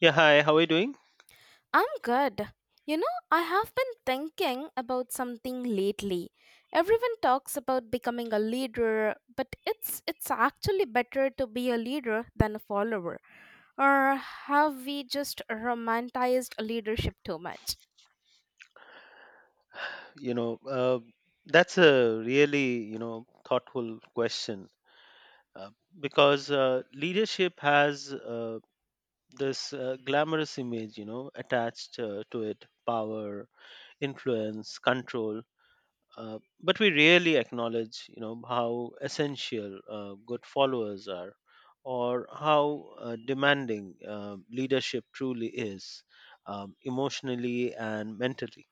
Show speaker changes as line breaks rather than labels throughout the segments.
Yeah, hi, how are you doing?
I'm good. You know, I have been thinking about something lately. Everyone talks about becoming a leader, but it's actually better to be a leader than a follower. Or have we just romanticized leadership too much?
You know, uh, that's a really thoughtful question uh, because leadership has this glamorous image, attached to it: power, influence, control. But we rarely acknowledge, how essential good followers are, or how demanding leadership truly is, emotionally and mentally.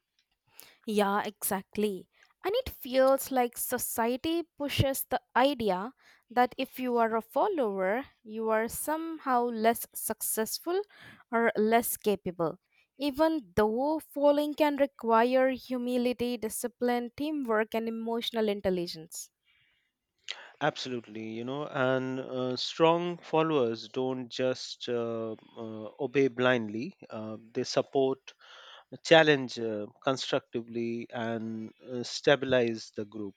Yeah, exactly. And it feels like society pushes the idea that if you are a follower, you are somehow less successful or less capable. Even though following can require humility, discipline, teamwork, and emotional intelligence.
Absolutely, and strong followers don't just obey blindly. They support, challenge constructively, and stabilize the group,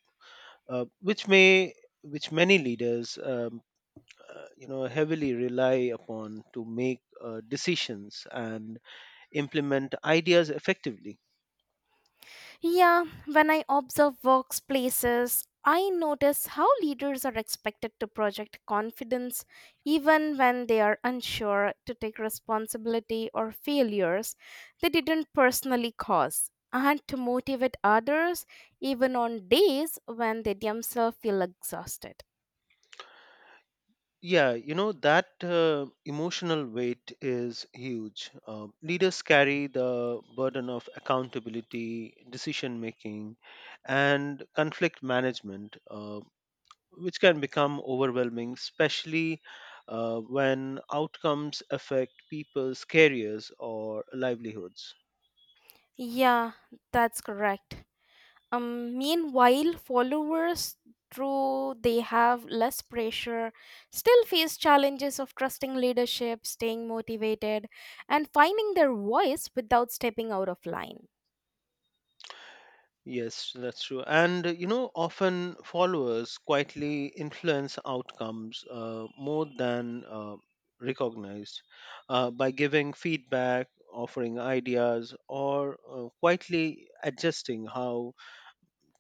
uh, which may, which many leaders, heavily rely upon to make decisions and implement ideas effectively.
Yeah, when I observe workplaces, I notice how leaders are expected to project confidence even when they are unsure to take responsibility or failures they didn't personally cause, and to motivate others even on days when they themselves feel exhausted.
Yeah, that emotional weight is huge. Leaders carry the burden of accountability, decision making, and conflict management, which can become overwhelming, especially when outcomes affect people's careers or livelihoods.
Yeah, that's correct. Meanwhile, followers, though they have less pressure, still face challenges of trusting leadership, staying motivated, and finding their voice without stepping out of line.
Yes, that's true. And often followers quietly influence outcomes more than recognized, by giving feedback, offering ideas, or quietly adjusting how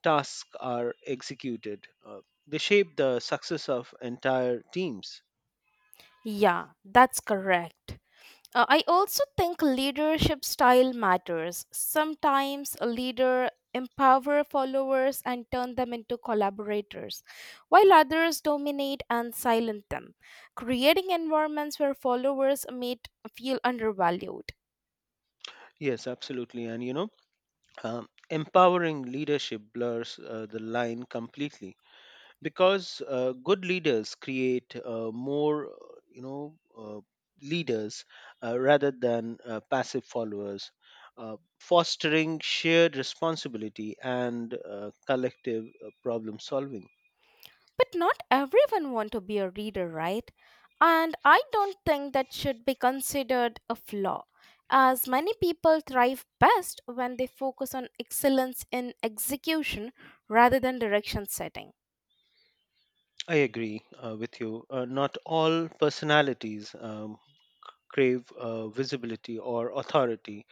tasks are executed. They shape the success of entire teams.
Yeah, that's correct. I also think leadership style matters. Sometimes a leader empower followers and turn them into collaborators, while others dominate and silence them, creating environments where followers may feel undervalued.
Yes, absolutely. And empowering leadership blurs the line completely, because good leaders create more you know uh, leaders rather than passive followers, fostering shared responsibility and collective problem solving.
But not everyone want to be a reader, right? And I don't think that should be considered a flaw, as many people thrive best when they focus on excellence in execution rather than direction setting.
I agree with you. Uh, not all personalities crave visibility or authority.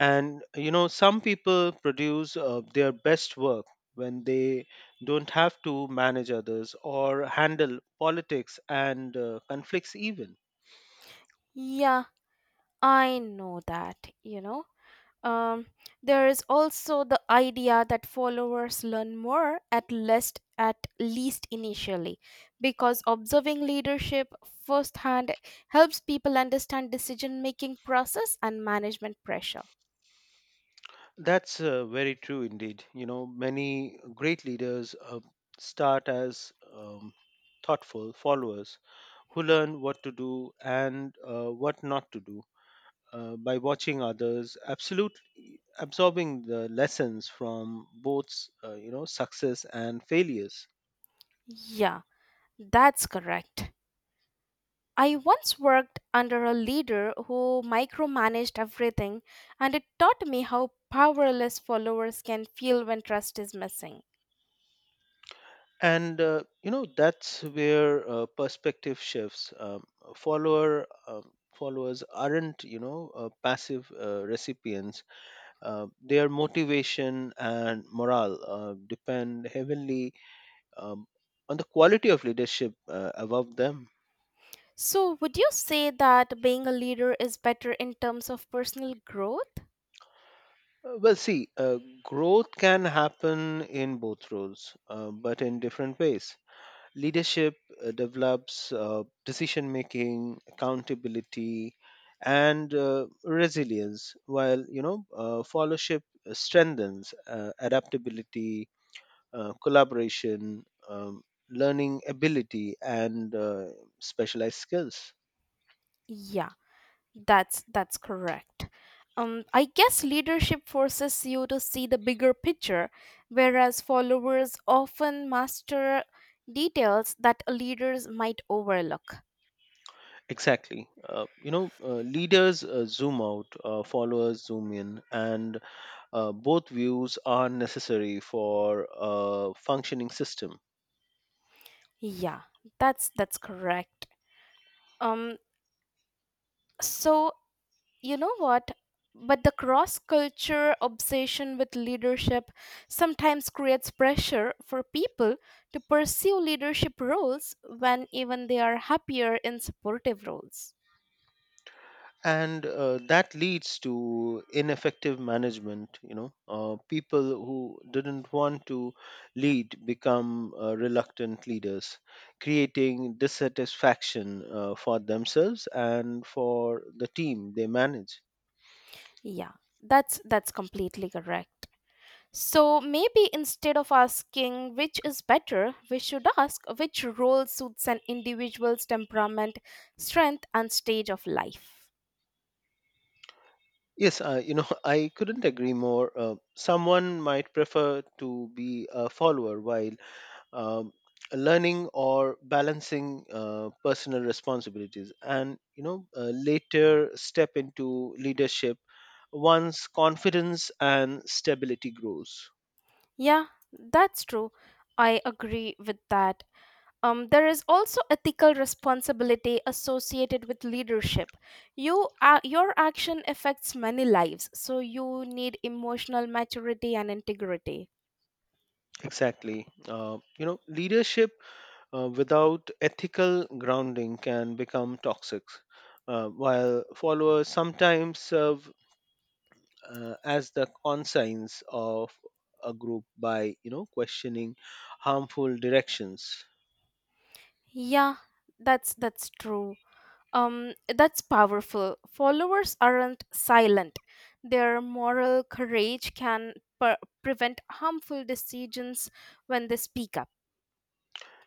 And some people produce their best work when they don't have to manage others or handle politics and conflicts, even.
Yeah, I know that, you know. Um, there is also the idea that followers learn more at least initially because observing leadership firsthand helps people understand decision making process and management pressure.
That's very true indeed. You know, many great leaders start as thoughtful followers who learn what to do and what not to do, by watching others, absolutely absorbing the lessons from both success and failures.
Yeah, that's correct. I once worked under a leader who micromanaged everything and it taught me how powerless followers can feel when trust is missing.
And that's where perspective shifts. Followers aren't, passive recipients. Their motivation and morale depend heavily um, on the quality of leadership above them.
So, would you say that being a leader is better in terms of personal growth?
Well, see, growth can happen in both roles, but in different ways. Leadership develops decision making, accountability, and resilience, while followership strengthens adaptability, collaboration, um, learning ability, and specialized skills.
Yeah, that's correct. I guess leadership forces you to see the bigger picture, whereas followers often master details that leaders might overlook.
Exactly. Leaders zoom out, followers zoom in, and both views are necessary for a functioning system.
Yeah, that's correct. Um, so you know what but the cross culture obsession with leadership sometimes creates pressure for people to pursue leadership roles when even they are happier in supportive roles.
And that leads to ineffective management. People who didn't want to lead become reluctant leaders, creating dissatisfaction for themselves and for the team they manage.
Yeah, that's completely correct. So maybe instead of asking which is better, we should ask which role suits an individual's temperament, strength, and stage of life.
Yes, I couldn't agree more. Someone might prefer to be a follower while um, learning or balancing personal responsibilities and, later step into leadership once confidence and stability grows.
Yeah, that's true. I agree with that. There is also ethical responsibility associated with leadership. Your action affects many lives, so you need emotional maturity and integrity.
Exactly, leadership without ethical grounding can become toxic, while followers sometimes serve as the conscience of a group by, questioning harmful directions.
Yeah, that's true. That's powerful. Followers aren't silent. Their moral courage can prevent harmful decisions when they speak up.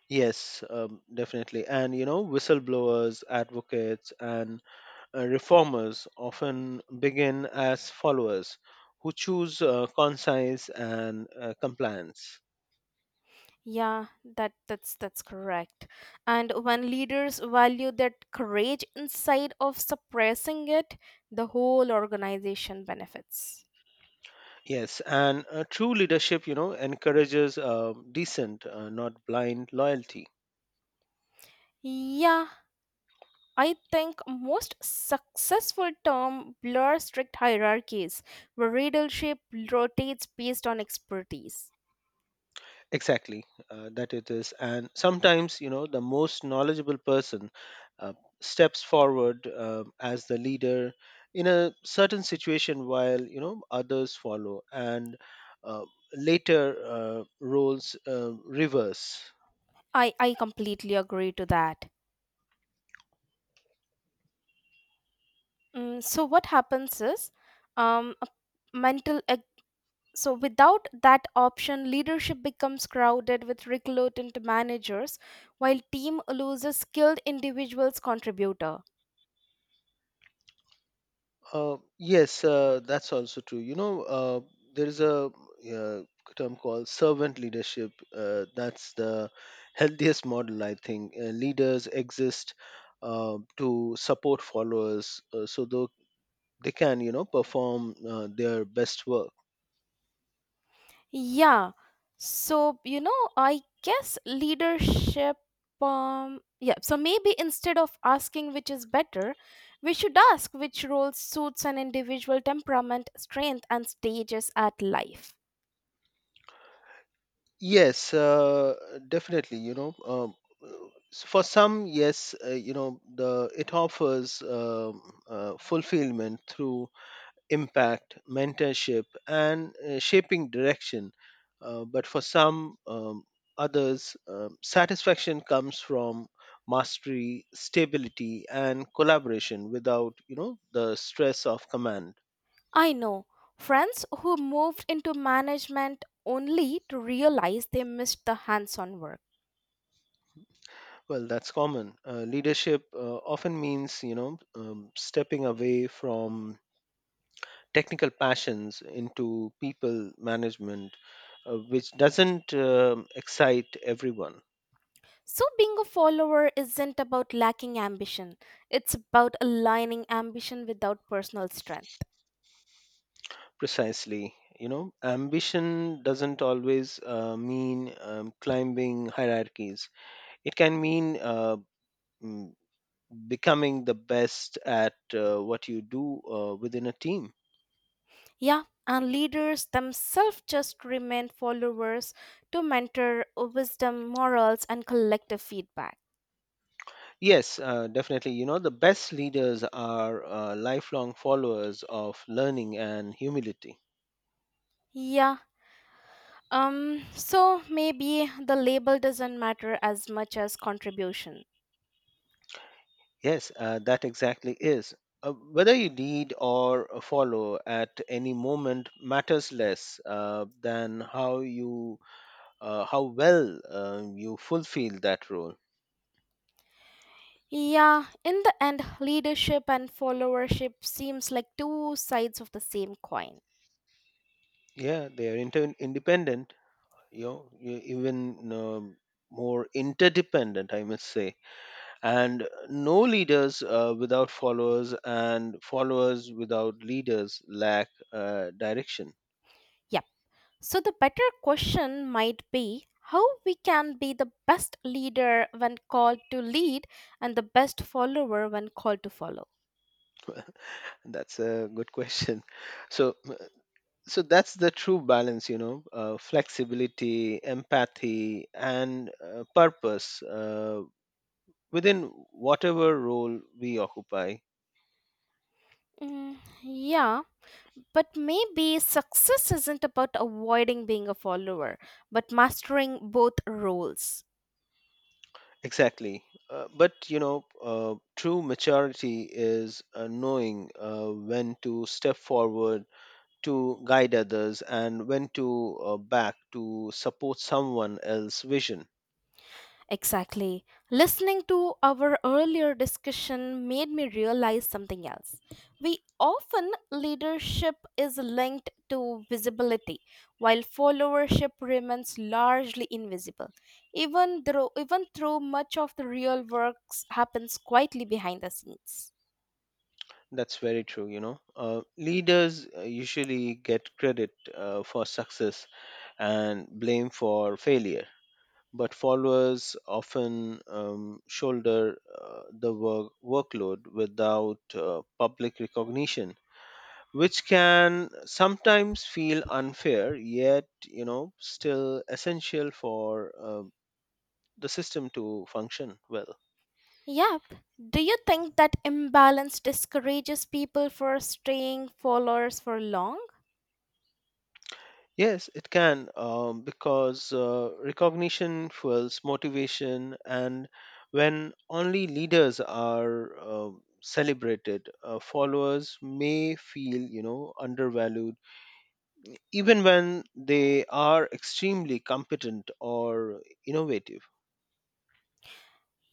Yes, definitely. And you know, whistleblowers, advocates, and reformers often begin as followers who choose conscience and compliance.
Yeah, that's correct. And when leaders value that courage inside of suppressing it, the whole organization benefits.
Yes, and true leadership, you know, encourages decent, not blind loyalty.
Yeah, I think most successful term blur strict hierarchies where leadership rotates based on expertise.
Exactly, that it is. And sometimes, you know, the most knowledgeable person uh, steps forward as the leader in a certain situation, while, you know, others follow. And uh, later roles reverse.
I completely agree to that. Mm, so what happens is a mental so Without that option, leadership becomes crowded with reclutant managers while team loses skilled individuals contributor.
Yes, that's also true. You know, there is a uh, term called servant leadership. That's the healthiest model, I think. Leaders exist to support followers, so though they can, you know, perform their best work.
Yeah, so you know I guess leadership yeah so Maybe instead of asking which is better, we should ask which role suits an individual temperament, strength, and stages at life.
Yes, definitely. You know, uh, for some, yes, the it offers fulfillment through impact, mentorship, and shaping direction. But for some others, satisfaction comes from mastery, stability, and collaboration without, the stress of command.
I know friends who moved into management only to realize they missed the hands on work.
Well, that's common. Leadership often means, stepping away from technical passions into people management, which doesn't excite everyone.
So, being a follower isn't about lacking ambition, it's about aligning ambition without personal strength.
Precisely. You know, ambition doesn't always mean climbing hierarchies. It can mean mm, becoming the best at what you do within a team.
Yeah, and leaders themselves just remain followers to mentor wisdom, morals, and collective feedback.
Yes, definitely. You know, the best leaders are lifelong followers of learning and humility.
Yeah, so maybe the label doesn't matter as much as contribution.
Yes, that exactly is. Whether you lead or follow at any moment matters less than how you how well, you fulfill that role.
Yeah, in the end, leadership and followership seems like two sides of the same coin.
Yeah, they are independent, you know, even more interdependent, I must say. And no leaders without followers, and followers without leaders lack direction.
Yep. So the better question might be how we can be the best leader when called to lead and the best follower when called to follow.
That's a good question. So, that's the true balance, you know, flexibility, empathy, and purpose within whatever role we occupy.
Yeah, but maybe success isn't about avoiding being a follower, but mastering both roles.
Exactly. But, you know, true maturity is knowing when to step forward to guide others, and when to back to support someone else's vision.
Exactly. Listening to our earlier discussion made me realize something else. We often leadership is linked to visibility, while followership remains largely invisible. Even though much of the real works happens quietly behind the scenes.
That's very true, you know. Leaders usually get credit for success and blame for failure, but followers often shoulder the workload without public recognition, which can sometimes feel unfair, yet, you know, still essential for the system to function well.
Yep. Do you think that imbalance discourages people for staying followers for long?
Yes, it can, because recognition fuels motivation, and when only leaders are celebrated, followers may feel, you know, undervalued even when they are extremely competent or innovative.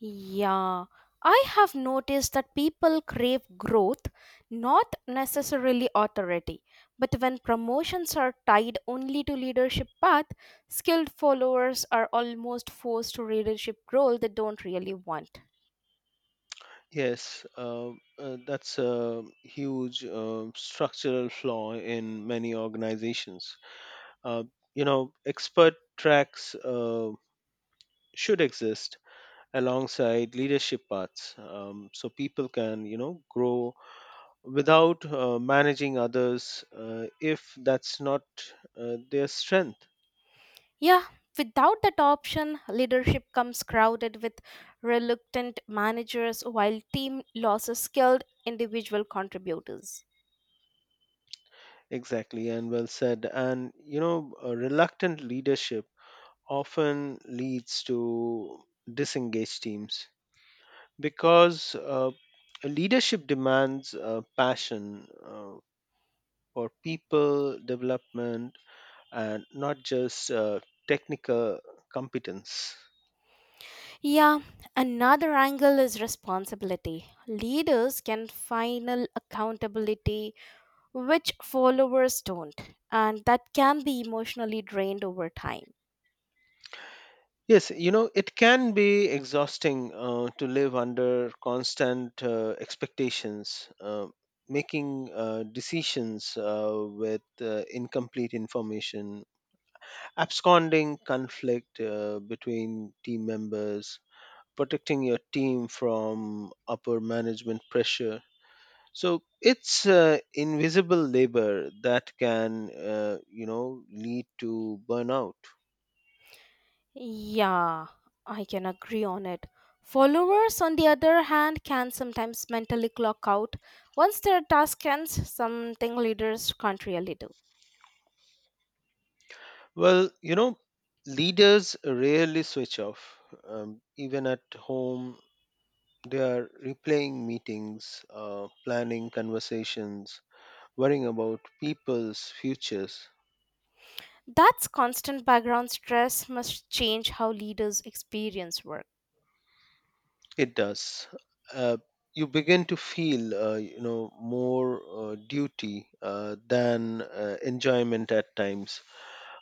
Yeah, I have noticed that people crave growth, not necessarily authority. But when promotions are tied only to leadership path, skilled followers are almost forced to leadership role they don't really want.
Yes, that's a huge structural flaw in many organizations. Uh, you know, expert tracks should exist alongside leadership paths, so people can, you know, grow without managing others if that's not their strength.
Yeah, without that option, leadership comes crowded with reluctant managers while team loses skilled individual contributors.
Exactly, and well said. And, you know, reluctant leadership often leads to disengaged teams because leadership demands passion for people development, and not just technical competence.
Yeah, another angle is responsibility. Leaders can final accountability, which followers don't, and that can be emotionally drained over time.
Yes, you know, it can be exhausting to live under constant expectations, making decisions with incomplete information, absconding conflict between team members, protecting your team from upper management pressure. So it's invisible labor that can, lead to burnout.
Yeah, I can agree on it. Followers, on the other hand, can sometimes mentally clock out once their task ends, something leaders can't really do.
Well, you know, leaders rarely switch off. Even at home, they are replaying meetings, planning conversations, worrying about people's futures.
That's constant background stress must change how leaders experience work.
It does. Uh, you begin to feel, more duty than enjoyment at times.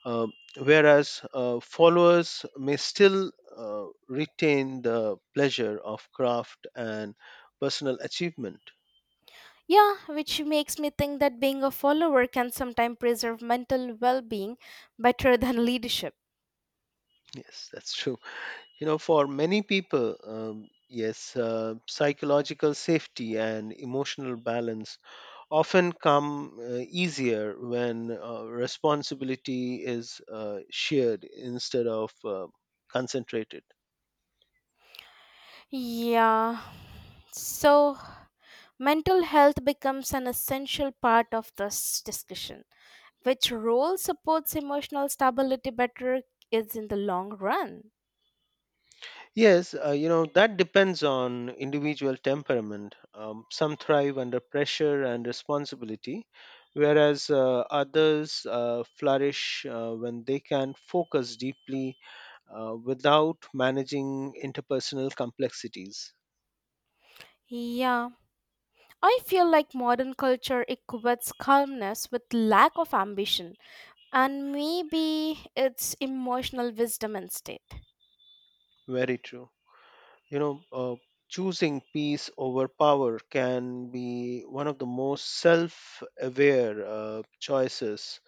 Uh, Whereas followers may still retain the pleasure of craft and personal achievement.
Yeah, which makes me think that being a follower can sometimes preserve mental well being better than leadership.
Yes, that's true. You know, for many people, yes, psychological safety and emotional balance often come easier when responsibility is shared instead of concentrated.
Yeah, so mental health becomes an essential part of this discussion. Which role supports emotional stability better is in the long run.
Yes, that depends on individual temperament. Some thrive under pressure and responsibility, whereas others flourish when they can focus deeply without managing interpersonal complexities.
Yeah, I feel like modern culture equates calmness with lack of ambition, and maybe it's emotional wisdom instead.
Very true. you know uh, Choosing peace over power can be one of the most self-aware choices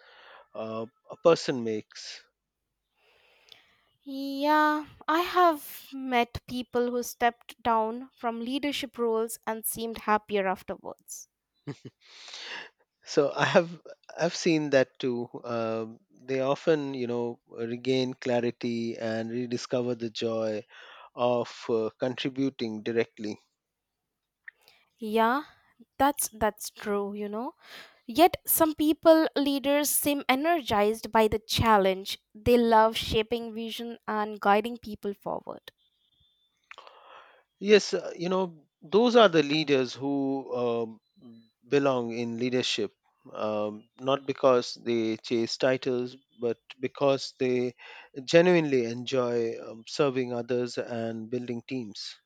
a person makes.
Yeah, I have met people who stepped down from leadership roles and seemed happier afterwards.
So I have. I've seen that too. They often, you know, regain clarity and rediscover the joy of contributing directly.
Yeah, that's true, you know. Yet, some people leaders seem energized by the challenge. They love shaping vision and guiding people forward.
Yes, those are the leaders who belong in leadership, not because they chase titles, but because they genuinely enjoy serving others and building teams.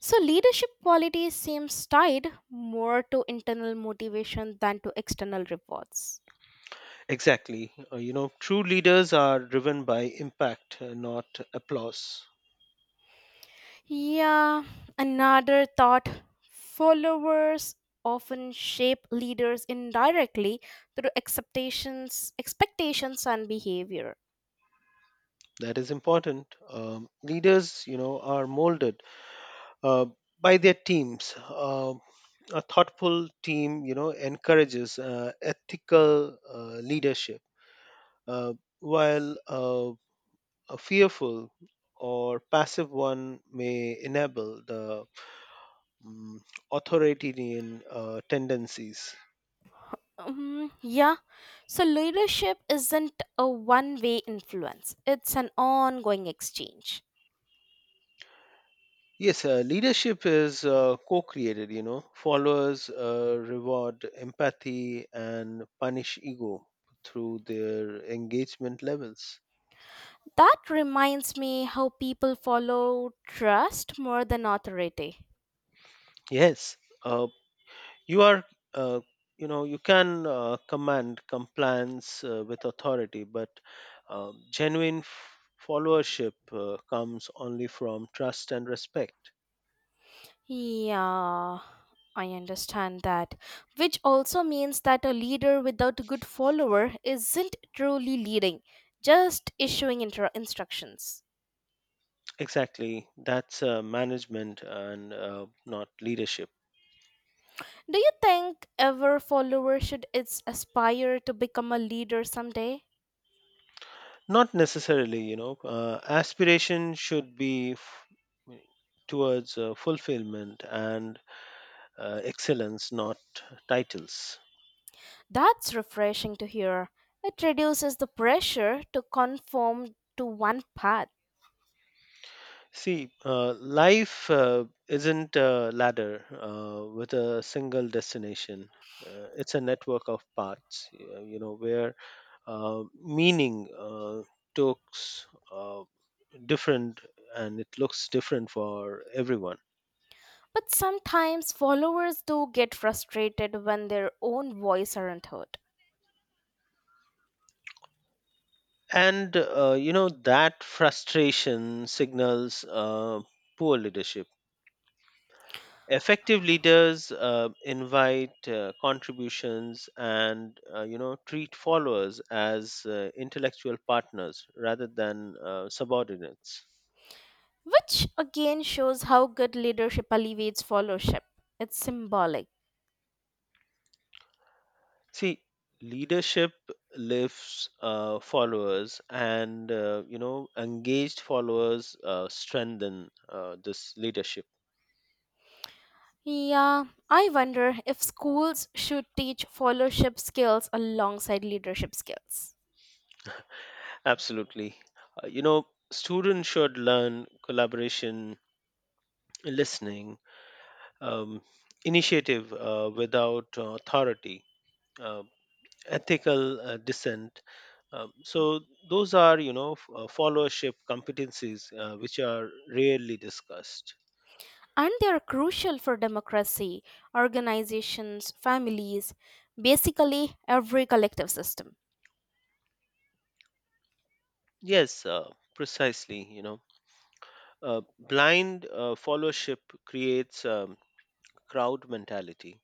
So, leadership quality seems tied more to internal motivation than to external rewards.
Exactly. True leaders are driven by impact, not applause.
Yeah, another thought, followers often shape leaders indirectly through acceptations, expectations, and behavior.
That is important. Leaders, you know, are molded uh, by their teams. A thoughtful team, you know, encourages ethical leadership, uh, while a fearful or passive one may enable the mm, authoritarian tendencies.
Yeah. So leadership isn't a one way influence, it's an ongoing exchange.
Yes, leadership is co-created. You know, followers reward empathy and punish ego through their engagement levels.
That reminds me how people follow trust more than authority.
Yes, uh, you are uh, you can command compliance with authority, but genuine followership comes only from trust and respect.
Yeah, I understand that. Which also means that a leader without a good follower isn't truly leading, just issuing instructions.
Exactly, that's management and not leadership.
Do you think ever follower should it's aspire to become a leader someday?
Not necessarily. Aspiration should be towards fulfillment and excellence, not titles.
That's refreshing to hear. It reduces the pressure to conform to one path.
See, life isn't a ladder with a single destination. It's a network of paths, where meaning takes different, and it looks different for everyone.
But sometimes followers do get frustrated when their own voice aren't heard,
And, that frustration signals poor leadership. Effective leaders invite contributions and, treat followers as intellectual partners rather than subordinates.
which again shows how good leadership alleviates followership. It's symbolic.
See, leadership lifts followers, and, engaged followers strengthen this leadership.
Yeah, I wonder if schools should teach followership skills alongside leadership skills.
Absolutely. uh, you know Students should learn collaboration, listening, um, initiative without authority, uh, ethical dissent. So those are, you know, followership competencies which are rarely discussed.
And they are crucial for democracy, organizations, families, basically every collective system.
Yes, precisely. You know, blind followership creates crowd mentality,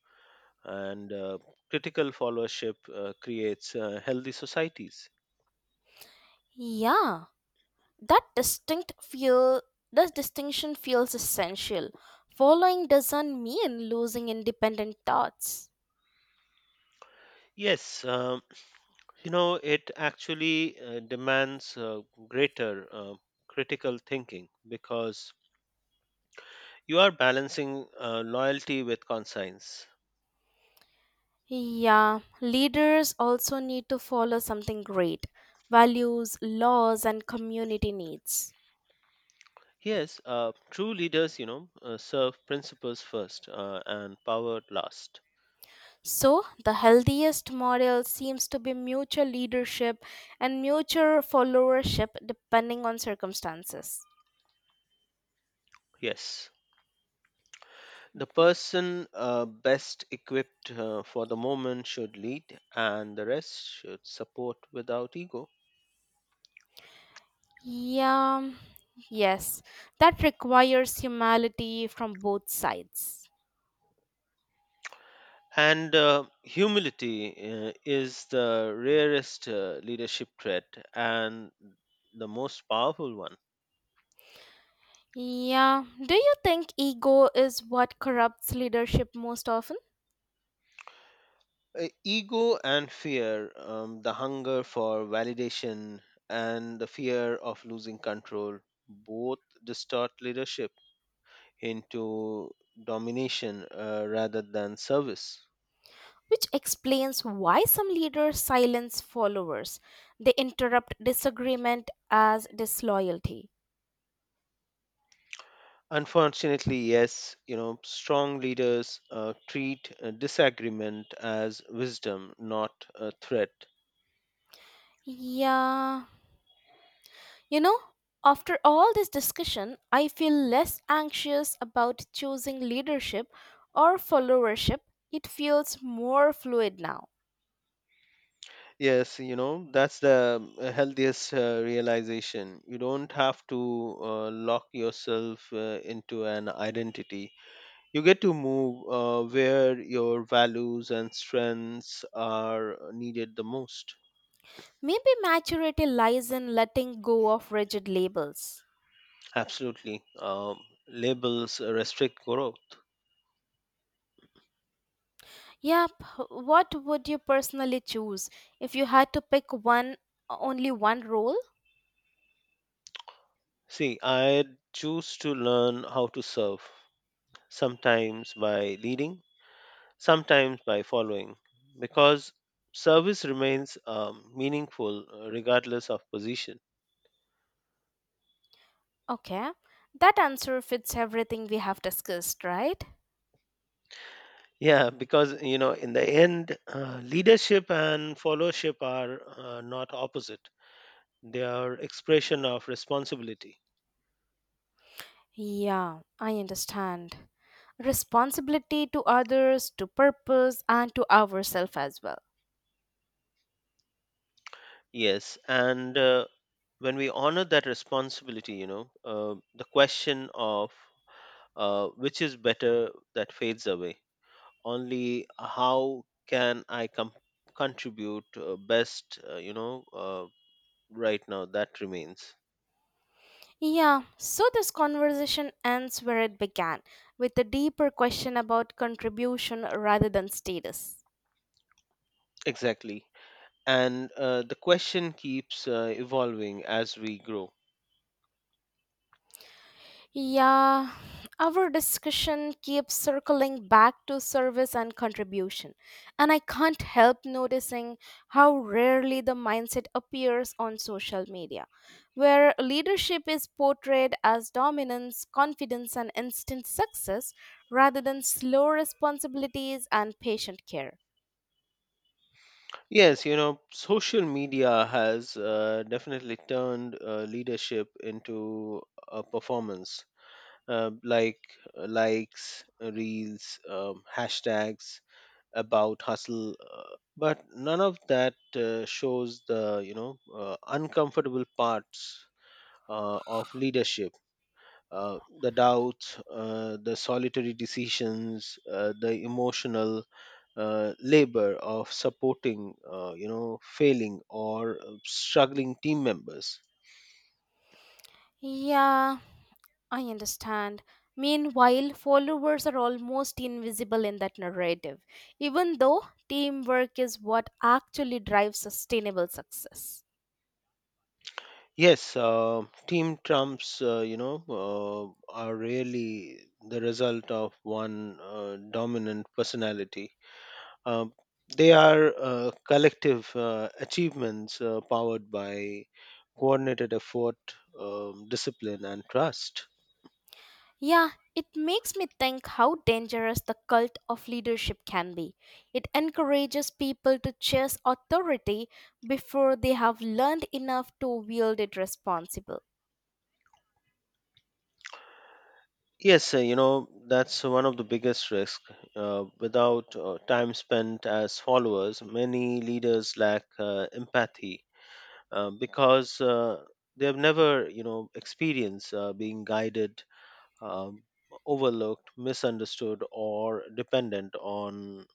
and critical followership creates healthy societies.
Yeah, that distinct feel that distinction feels essential. Following doesn't mean losing independent thoughts.
Yes, it actually demands greater critical thinking, because you are balancing loyalty with conscience.
Yeah, leaders also need to follow something great values, laws, and community needs.
Yes, true leaders, you know, serve principles first and power last.
So, the healthiest model seems to be mutual leadership and mutual followership depending on circumstances.
Yes, the person best equipped for the moment should lead, and the rest should support without ego.
Yeah, yes, that requires humility from both sides.
And humility is the rarest leadership trait and the most powerful one.
Yeah, do you think ego is what corrupts leadership most often?
Ego and fear, the hunger for validation and the fear of losing control, both distort leadership into domination rather than service.
Which explains why some leaders silence followers. They interrupt disagreement as disloyalty.
Unfortunately, yes, you know, strong leaders treat disagreement as wisdom, not a threat.
Yeah, you know, after all this discussion, I feel less anxious about choosing leadership or followership. It feels more fluid now.
Yes, you know, that's the healthiest realization. You don't have to lock yourself into an identity. You get to move where your values and strengths are needed the most.
Maybe maturity lies in letting go of rigid labels.
Absolutely. Labels restrict growth.
Yep, what would you personally choose if you had to pick one only one role?
See, I choose to learn how to serve, sometimes by leading, sometimes by following, because service remains, meaningful regardless of position.
Okay. That answer fits everything we have discussed, right?
Yeah, because, you know, in the end, leadership and followership are not opposite. They are expression of responsibility.
Yeah, I understand. Responsibility to others, to purpose, and to ourselves as well.
Yes, and when we honor that responsibility, you know, the question of which is better, that fades away. Only how can I contribute best, right now, that remains.
Yeah, so this conversation ends where it began with a deeper question about contribution rather than status.
Exactly. And the question keeps evolving as we grow.
Yeah, our discussion keeps circling back to service and contribution, and I can't help noticing how rarely the mindset appears on social media, where leadership is portrayed as dominance, confidence, and instant success rather than slow responsibilities and patient care.
Yes, you know, social media has definitely turned leadership into a performance, like likes, reels, hashtags about hustle, but none of that shows the, uncomfortable parts. Of leadership, the doubts, the solitary decisions, the emotional labor of supporting, failing or struggling team members.
Yeah, I understand. Meanwhile, followers are almost invisible in that narrative, even though teamwork is what actually drives sustainable success.
Yes, team trumps, are really the result of one dominant personality. uh, they are collective achievements powered by coordinated effort, discipline, and trust.
Yeah, it makes me think how dangerous the cult of leadership can be. It encourages people to chase authority before they have learned enough to wield it responsibly.
Yes, that's one of the biggest risks. Without time spent as followers, many leaders lack empathy because they have never, you know, experienced being guided, um, overlooked, misunderstood, or dependent on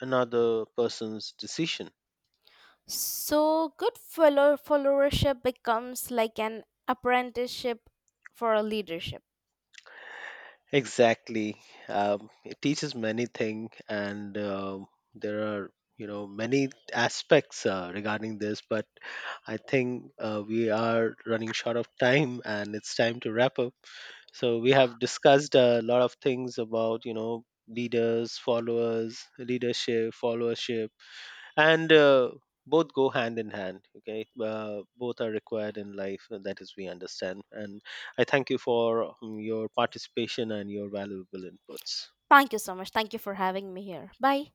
another person's decision.
So, good followership becomes like an apprenticeship for leadership.
Exactly. It teaches many things, and there are, you know, many aspects regarding this. But I think we are running short of time, and it's time to wrap up. So we have discussed a lot of things about, you know, leaders, followers, leadership, followership, and both go hand in hand. Okay, both are required in life, and that is we understand, and I thank you for your participation and your valuable inputs.
Thank you so much. Thank you for having me here. Bye.